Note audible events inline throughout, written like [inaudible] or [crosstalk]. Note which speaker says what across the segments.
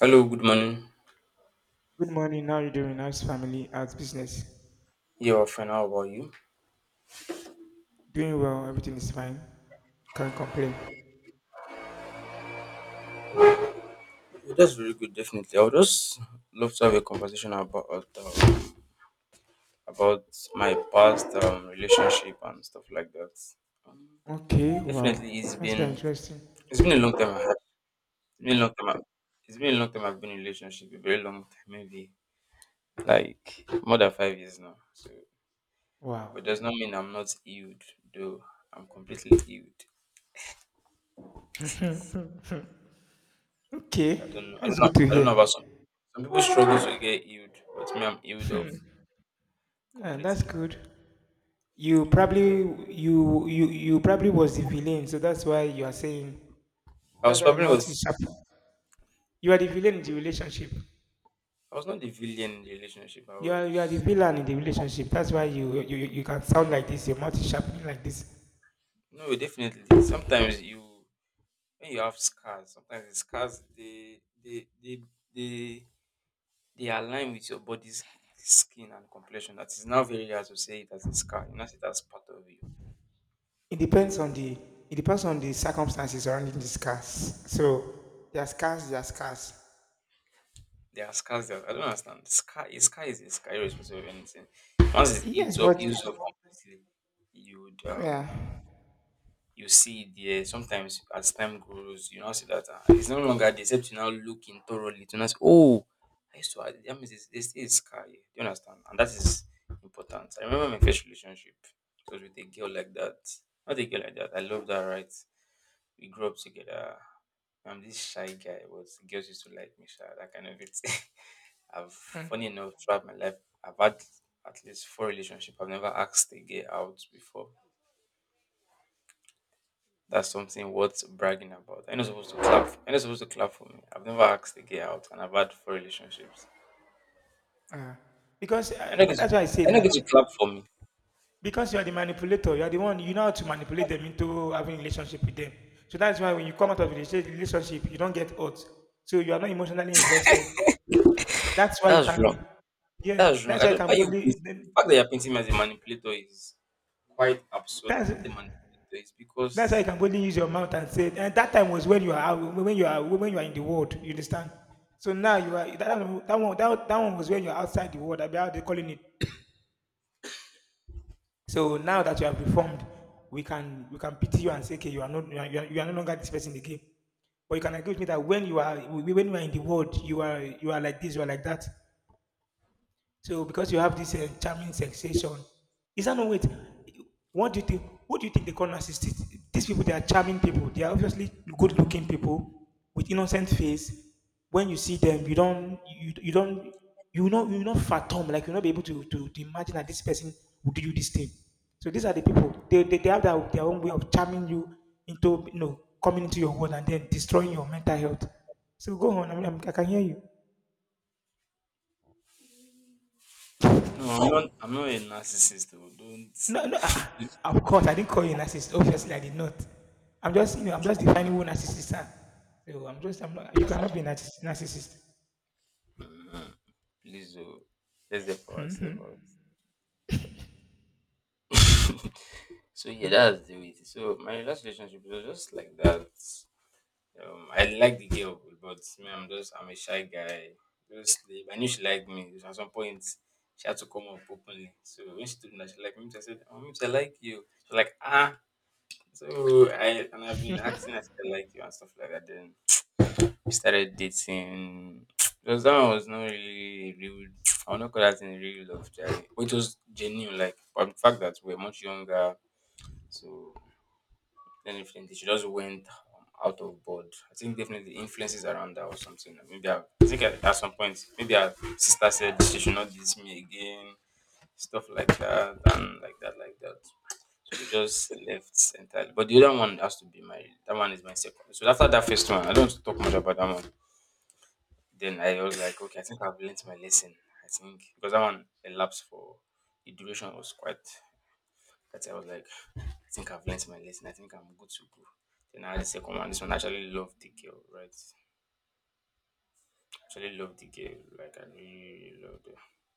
Speaker 1: Hello, good morning.
Speaker 2: Good morning. How are you doing? How's family? How's business?
Speaker 1: Yeah, well, fine. How about you?
Speaker 2: Doing well. Everything is fine. Can't complain.
Speaker 1: Yeah, that's very good, definitely. I would just love to have a conversation about uh, about my past relationship and stuff like that. Um,
Speaker 2: Okay. Wow.
Speaker 1: definitely, it's
Speaker 2: That's very
Speaker 1: been
Speaker 2: interesting.
Speaker 1: a long time. It's been a long time. It's been a long time. I've been in a relationship. A very long time, maybe like more than 5 years now. So
Speaker 2: Wow.
Speaker 1: but does not mean I'm not healed, though. I'm completely healed.
Speaker 2: [laughs] Okay. That's good to
Speaker 1: I don't know about
Speaker 2: hear.
Speaker 1: some. Some people struggle to get healed, but me, I'm healed of
Speaker 2: Hmm. Yeah, that's
Speaker 1: completely.
Speaker 2: good. You probably was the villain, so that's why you are saying
Speaker 1: I
Speaker 2: that's
Speaker 1: was
Speaker 2: why your
Speaker 1: probably
Speaker 2: mouth
Speaker 1: was.
Speaker 2: is sharp. You are the villain in the relationship.
Speaker 1: I was not the villain in the relationship. I
Speaker 2: You are the
Speaker 1: was
Speaker 2: villain in the relationship. That's why you can sound like this. Your mouth is sharp like this.
Speaker 1: no definitely. Sometimes you when you have scars, sometimes the scars they, they align with your body's skin and complexion. That is now very hard to say it as a scar. You know, it as part of you.
Speaker 2: It depends on the it depends on the circumstances surrounding these cars. So there's cars, there's cars.
Speaker 1: There are scars that I don't understand. Scar a scar is a scar irrespective of anything. Once it's
Speaker 2: Yes, but
Speaker 1: used up completely, you would
Speaker 2: yeah,
Speaker 1: you see it there. Sometimes as time goes, you now see that it's no longer there, except you now look in thoroughly to now say, oh, I used to have it." That means it's scar here. Do you understand? And that is important. I remember my first relationship. It was with a girl like that. Not a girl like that. I love that, right? We grew up together. I'm this shy guy, but girls used to like me, shy, that kind of it. [laughs] I've
Speaker 2: hmm,
Speaker 1: funny enough throughout my life, I've had at least four relationships. I've never asked a girl out before. That's something worth bragging about. I'm not supposed to clap. I'm not supposed to clap for me. I've never asked a girl out, and I've had four relationships.
Speaker 2: yeah, because
Speaker 1: I'm not going to.
Speaker 2: that's why I say
Speaker 1: I'm not
Speaker 2: now.
Speaker 1: going to clap for me.
Speaker 2: Because you are the manipulator, you are the one you know how to manipulate them into having a relationship with them. So that's why when you come out of a relationship, you don't get hurt. So you are not emotionally invested. That's why you
Speaker 1: That's
Speaker 2: can,
Speaker 1: wrong.
Speaker 2: yeah.
Speaker 1: That's wrong.
Speaker 2: That's
Speaker 1: I
Speaker 2: why you
Speaker 1: don't.
Speaker 2: can
Speaker 1: Why you? The
Speaker 2: boldly.
Speaker 1: fact that you're painting me as a manipulator is quite absurd. I'm
Speaker 2: That's
Speaker 1: not a manipulator. It's
Speaker 2: That's why you
Speaker 1: because
Speaker 2: can boldly use your mouth and say, and that time was when you are when you are when you are in the world, you understand? So now you are that one that one, that one was when you are outside the world, I be how they calling it. So now that you have reformed, we can pity you and say, okay, you are not you are, you are no longer this person again. But you can agree with me that when you are in the world, you are like this, you are like that. So because you have this charming sensation, is that no wait? What do you think? What do you think they call narcissists? These people, they are charming people. They are obviously good-looking people with innocent face. When you see them, you don't, you know, you will not fathom. Like you'll not be able to imagine that this person would do you this thing. So these are the people. They have their own way of charming you into, you know, coming into your world and then destroying your mental health. So go on. I can hear you.
Speaker 1: no, I'm not. I'm not a narcissist. Though. Don't
Speaker 2: No, no, of course, I didn't call you a narcissist. Obviously, I did not. I'm just, you know, I'm just defining who narcissists are. So I'm just, I'm not, you cannot be a narcissist.
Speaker 1: please. Oh, let's get for ourselves out. [laughs] So yeah, that's the way it is. So my last relationship was just like that. I like the girl, but me, I'm just I'm a shy guy. Just sleep. I knew she liked me. At some point, she had to come up openly. So when she told me that she liked me, I said, "Oh, Mims, I like you." She's like, "Ah." So I've been acting as if I like you and stuff like that. Then we started dating. [tsk] Because that one was not really a real. [tsk] I will not call that in real love, Charlie. It was genuine, like but the fact that we're much younger, so then definitely, she just went out of board. I think definitely influences around her or something. Maybe I think at some point, maybe her sister said she should not diss me again, stuff like that, and like that, like that. So we just left entirely. But the other one has to be my that one is my second. So after that first one, I don't want to talk much about that one. Then I was like, okay, I think I've learnt my lesson. I think because that one elapsed for the duration was quite that I was like, I think I've learned my lesson. I think I'm good to go. Then I had the second one. This one I actually loved the girl, right? Actually loved the girl. Like I really loved her.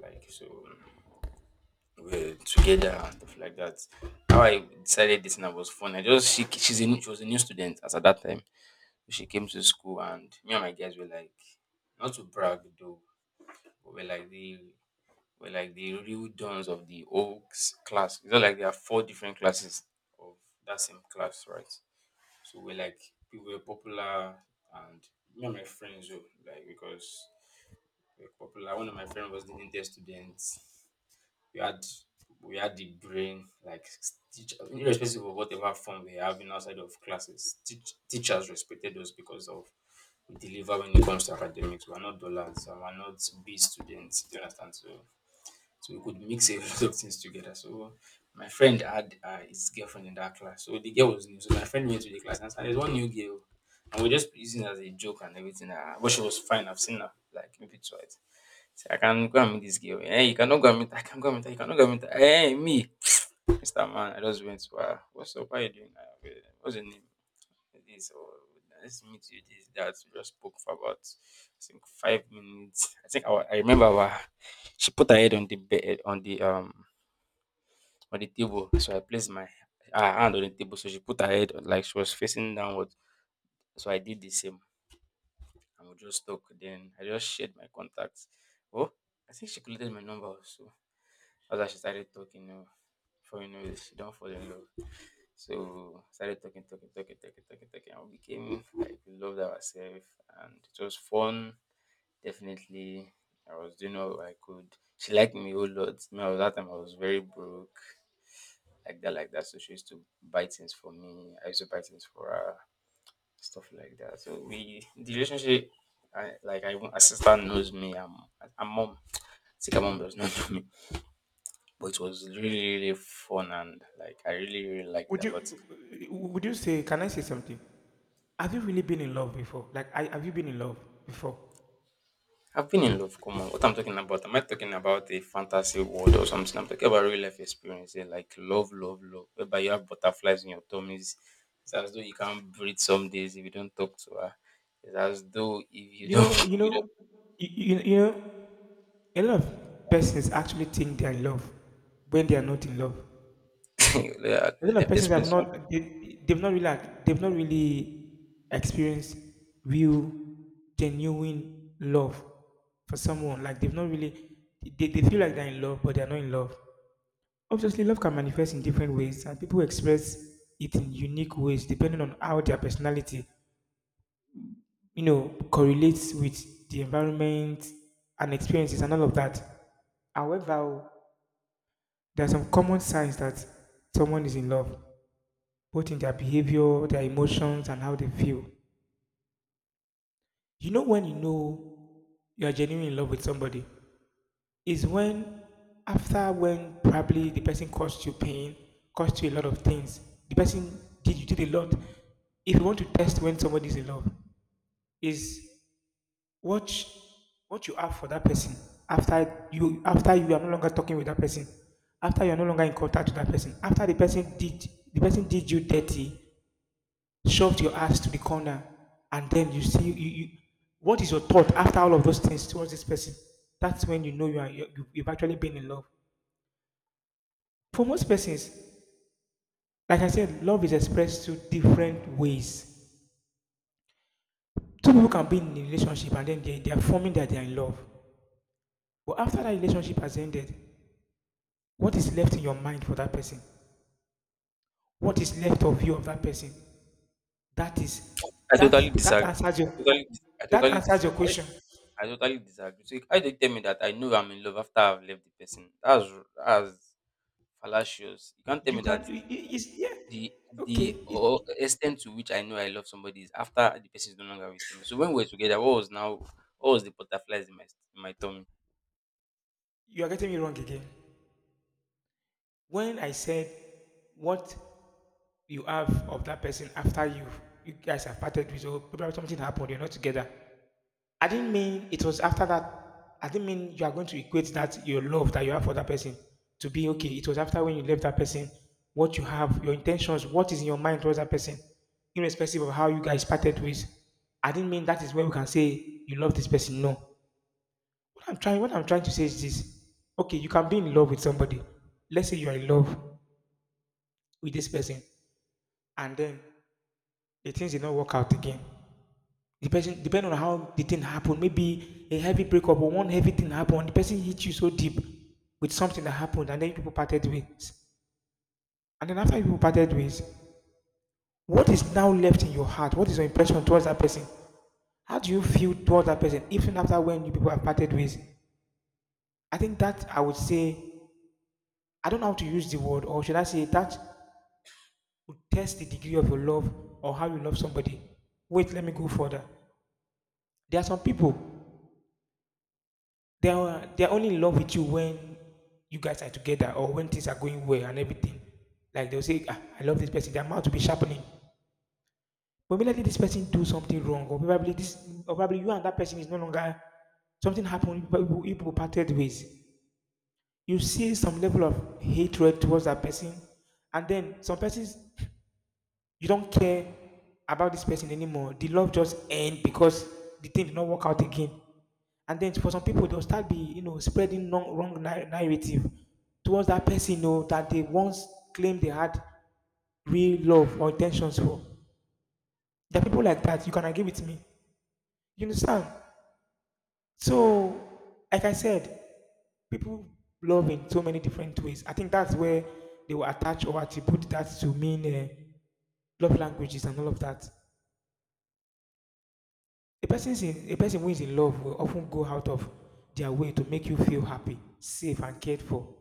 Speaker 1: Like so we were together and stuff like that. How I decided this and I was fun. I just she's a new, she was a new student as at that time. She came to school and me and my guys were like not to brag though, but we're like the real dons of the old class. It's not like there are four different classes of that same class, right? So we're like we were popular and me and my friends were like because we were popular. One of my friends was the neatest student. We had we had the brain like teach, irrespective of whatever form we have in outside of classes. Teachers respected us because of we deliver when it comes to academics. We are not dollars, and we are not B students. Do you understand? So we could mix a [laughs] lot of things together. So my friend had his girlfriend in that class. So the girl was new. So my friend went to the class and said, there's one new girl. And we're just using it as a joke and everything. But she was fine. I've seen her like maybe twice. So I can go and meet this girl. Hey, you cannot go and meet her. I can go and meet her. You cannot go and meet her. Hey, me. [laughs] [sniffs] Mr. Man, I just went to her. What's up? How you doing? What's your name? This or let's meet you this that we just spoke for about I think 5 minutes. I think our, I remember our she put her head on the bed on the table, so I placed my her hand on the table, so she put her head on, like she was facing downward. So I did the same, and we just talk. Then I just shared my contacts. Oh, I think she collected my number also. As I she started talking, before you know it, she don't fall in love. So I started talking, talking, talking, talking, talking, talking, and we became like we loved ourselves, and it was fun. Definitely, I was doing all I could. She liked me a whole lot. Me, at that time I was very broke, like that, like that. So she used to buy things for me. I used to buy things for her, stuff like that. So we, the relationship, I, like I, my sister knows me. I'm mom. Sika mom does not know me, but it was really, really fun, and like I really, really liked
Speaker 2: Would
Speaker 1: that,
Speaker 2: you
Speaker 1: but.
Speaker 2: would you say? Can I say something? Have you really been in love before? Like, have you been in love before?
Speaker 1: I've been in love, come on. What I'm talking about, am I talking about a fantasy world or something? I'm talking about real life experience, like love, love, love, whereby you have butterflies in your tummies. It's as though you can't breathe some days if you don't talk to her. It's as though if you
Speaker 2: You
Speaker 1: don't,
Speaker 2: know,
Speaker 1: [laughs] if
Speaker 2: you
Speaker 1: you
Speaker 2: know, you know, a lot of persons actually think they're in love when they are not in love.
Speaker 1: don't [laughs] yeah,
Speaker 2: A lot of persons
Speaker 1: explain.
Speaker 2: have
Speaker 1: Some.
Speaker 2: not they've not really like, they've not really experienced real genuine love for someone like they've not really they feel like they're in love but they're not in love. Obviously love can manifest in different ways and people express it in unique ways depending on how their personality, you know, correlates with the environment and experiences and all of that. However, there are some common signs that someone is in love, both in their behavior, their emotions, and how they feel. You know, when you know you are genuinely in love with somebody, is when after when probably the person caused you pain, caused you a lot of things, the person did you did a lot. If you want to test when somebody is in love, is watch what you have for that person after you are no longer talking with that person, after you are no longer in contact with that person, after the person did you dirty, shoved your ass to the corner, and then you see you, what is your thought after all of those things towards this person? That's when you know you've actually been in love. For most persons, like I said, love is expressed through different ways. Two people can be in a relationship and then they are forming that they are in love. But after that relationship has ended, what is left in your mind for that person? What is left of you of that person? That is
Speaker 1: I totally
Speaker 2: that that
Speaker 1: disagree.
Speaker 2: answers your
Speaker 1: I
Speaker 2: that
Speaker 1: totally
Speaker 2: answers your
Speaker 1: disagree.
Speaker 2: question.
Speaker 1: I totally disagree. So how do you tell me that I know I'm in love after I've left the person? That's fallacious. You can't tell
Speaker 2: You
Speaker 1: me
Speaker 2: can
Speaker 1: that
Speaker 2: I- it's yeah.
Speaker 1: The
Speaker 2: Okay.
Speaker 1: the
Speaker 2: It,
Speaker 1: or extent to which I know I love somebody is after the person is no longer with me. So when we were together, what was the butterflies in my tummy?
Speaker 2: you are getting me wrong again. When I said what you have of that person after you, you guys have parted with, or probably something happened, you're not together. I didn't mean it was after that. I didn't mean you are going to equate that your love that you have for that person to be okay. It was after when you left that person, what you have, your intentions, what is in your mind towards that person, irrespective of how you guys parted with. I didn't mean that is where we can say you love this person. No. What I'm trying to say is this: okay, you can be in love with somebody. Let's say you are in love with this person, and then the things did not work out again. The person, depending on how the thing happened, maybe a heavy breakup or one heavy thing happened. The person hit you so deep with something that happened, and then you people parted ways. And then after you people parted ways, what is now left in your heart? What is your impression towards that person? How do you feel towards that person, even after when you people have parted ways? I think that I would say I don't know how to use the word, or should I say that will test the degree of your love or how you love somebody. Wait, let me go further. There are some people they are only in love with you when you guys are together or when things are going well and everything. Like they'll say, ah, I love this person. Their mouth will be sharpening. But maybe this person do something wrong, or probably this, or probably you and that person is no longer something happened. People parted ways. You see some level of hatred towards that person, and then some persons you don't care about this person anymore. The love just end because the thing did not work out again. And then for some people, they'll start be, you know, spreading wrong, narrative towards that person, you know, that they once claimed they had real love or intentions for. There are people like that. You can agree with me. You understand? So, like I said, people love in so many different ways. I think that's where they will attach or attribute that to mean love languages and all of that. A person who is in love will often go out of their way to make you feel happy, safe, and cared for.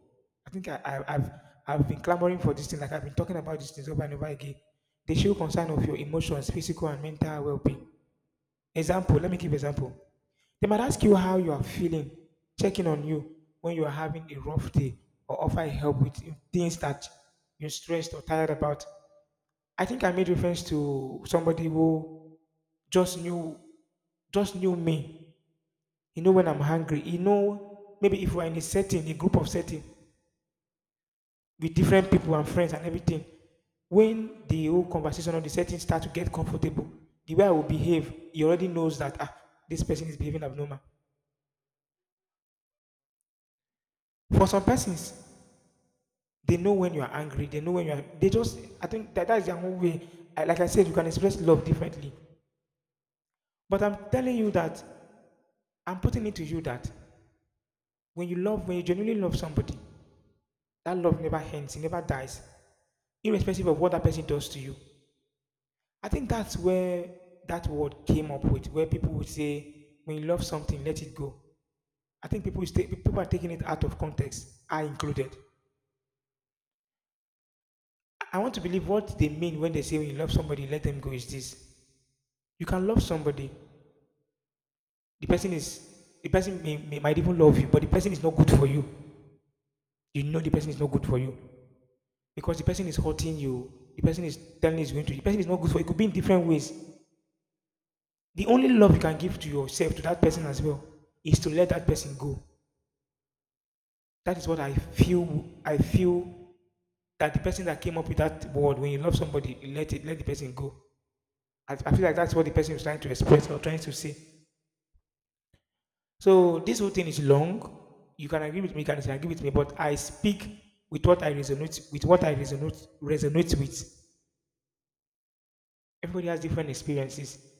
Speaker 2: I think I've been clamoring for this thing, like I've been talking about these things over and over again. They show concern of your emotions, physical and mental well-being. Example, let me give example. They might ask you how you are feeling, checking on you when you are having a rough day, or offer help with things that you're stressed or tired about. I think I made reference to somebody who just knew just knew me, you know, when I'm hungry. You know, maybe if we're in a setting, a group of setting with different people and friends and everything, when the whole conversation or the setting start to get comfortable, the way I will behave, he already knows that ah, this person is behaving abnormal. For some persons, they know when you are angry. They know when you are. They just. I think that that is their own way. I, like I said, you can express love differently. But I'm telling you that I'm putting it to you that when you love, when you genuinely love somebody, that love never ends. It never dies, irrespective of what that person does to you. I think that's where that word came up with, where people would say, when you love something, let it go. I think people are taking it out of context, I included. I want to believe what they mean when they say when you love somebody, let them go is this. You can love somebody. The person is the person may, might even love you, but the person is not good for you. You know the person is not good for you. Because the person is hurting you. The person is telling you is going to the person is not good for you. It could be in different ways. The only love you can give to yourself, to that person as well, is to let that person go. That is what I feel. I feel that the person that came up with that word, when you love somebody, you let the person go. I feel like that's what the person is trying to express or trying to say. So this whole thing is long. You can agree with me, you can disagree with me, but I speak with what I resonate with what I resonate with. Everybody has different experiences.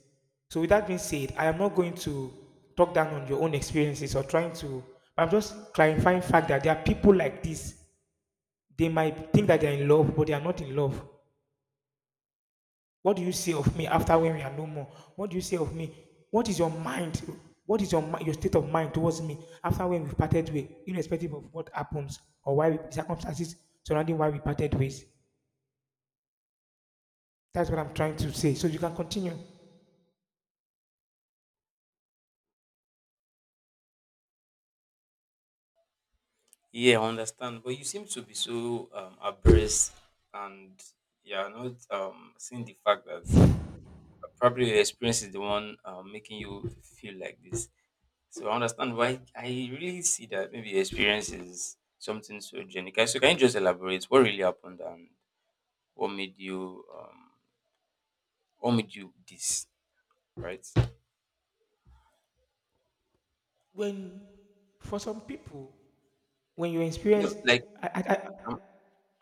Speaker 2: So with that being said, I am not going to talk down on your own experiences or trying to, but I'm just clarifying fact that there are people like this. They might think that they're in love, but they are not in love. What do you say of me after when we are no more? What do you say of me? What is your mind? What is your state of mind towards me after when we parted way, irrespective of what happens or circumstances surrounding why we parted ways? That's what I'm trying to say. So you can continue.
Speaker 1: Yeah, I understand. But you seem to be so abreast and you're not seeing the fact that probably your experience is the one making you feel like this. So I understand why I really see that maybe your experience is something so genuine. So can you just elaborate what really happened and what made you um what made you this? Right?
Speaker 2: When for some people, when you
Speaker 1: No,
Speaker 2: experience,
Speaker 1: like
Speaker 2: I, I, I,
Speaker 1: um,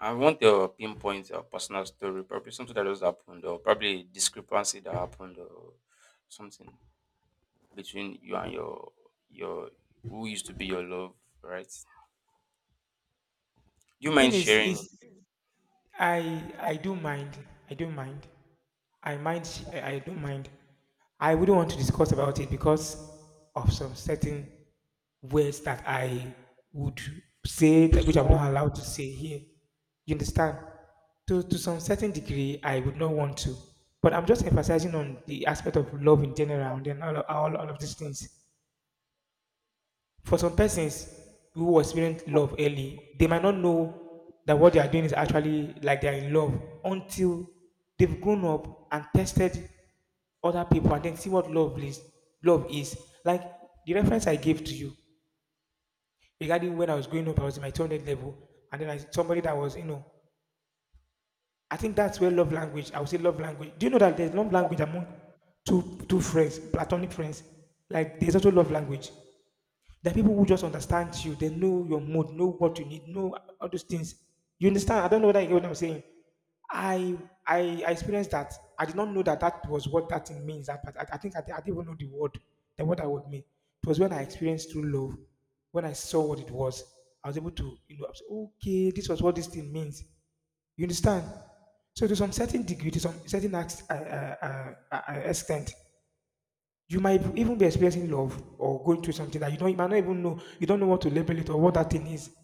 Speaker 1: I want your pinpoint or personal story, probably something that just happened, or probably a discrepancy that happened, or something between you and your who used to be your love, right? Do you
Speaker 2: the thing
Speaker 1: mind
Speaker 2: is,
Speaker 1: sharing?
Speaker 2: I do mind. I do mind. I mind. I don't mind. I wouldn't want to discuss about it because of some certain words that I would say that which I'm not allowed to say here. You understand? To some certain degree, I would not want to. But I'm just emphasizing on the aspect of love in general, and then all of these things for some persons who experience love early, they might not know that what they are doing is actually like they are in love until they've grown up and tested other people and then see what love is. Love is like the reference I gave to you regarding when I was growing up. I was in my 200 level, and then I somebody that was, I think that's where love language. I would say love language. Do you know that there's love language among two friends, platonic friends? Like there's also love language. There are people who just understand you. They know your mood, know what you need, know all those things. You understand? I don't know whether you get what I'm saying. I I experienced that. I did not know that that was what that thing means. That part. I think I didn't even know the word I would mean. It was when I experienced true love, when I saw what it was, I was able to, I was, okay, this was what this thing means. You understand? So to some certain degree, to some certain extent, you might even be experiencing love or going through something that you might not even know. You don't know what to label it or what that thing is.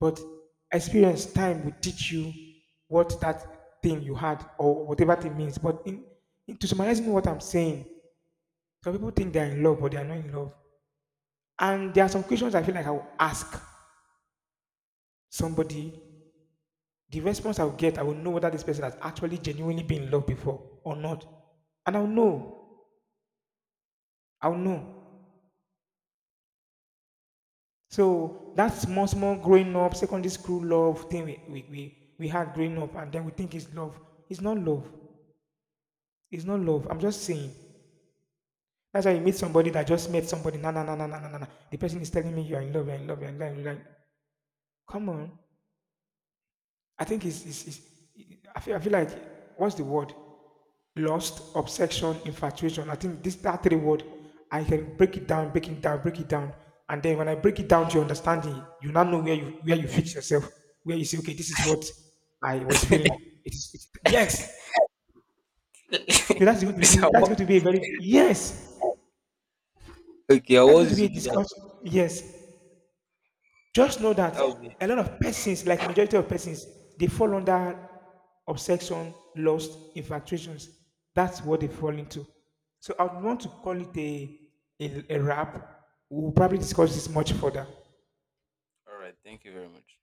Speaker 2: But experience, time will teach you what that thing you had or whatever thing means. But in to summarizing what I'm saying, some people think they're in love, but they're not in love. And there are some questions I feel like I will ask somebody. The response I'll get, I will know whether this person has actually genuinely been in love before or not. And I'll know. I'll know. So that small, small growing up, secondary school love thing we had growing up, and then we think it's love. It's not love. It's not love. I'm just saying. That's why you meet somebody that just met somebody. Na na na na na na na na. The person is telling me you're in love, you're in love, you're in love. You're like, come on. I think it's, I feel like, what's the word? Lust, obsession, infatuation. I think this that three word, I can break it down, break it down, break it down, and then when I break it down to your understanding, you now know where you fix yourself, where you say, okay, this is what I was feeling. It's, yes.
Speaker 1: [laughs]
Speaker 2: So
Speaker 1: Please, I
Speaker 2: that's
Speaker 1: want.
Speaker 2: going to be a very, yes.
Speaker 1: Okay, I
Speaker 2: That's
Speaker 1: was
Speaker 2: going to be a
Speaker 1: used to do that.
Speaker 2: discussion. Yes. Just know that
Speaker 1: That would be
Speaker 2: a lot of persons, like majority of persons, they fall under obsession, lust, infatuations. That's what they fall into. So I would want to call it a rap. We'll probably discuss this much further.
Speaker 1: all right. Thank you very much.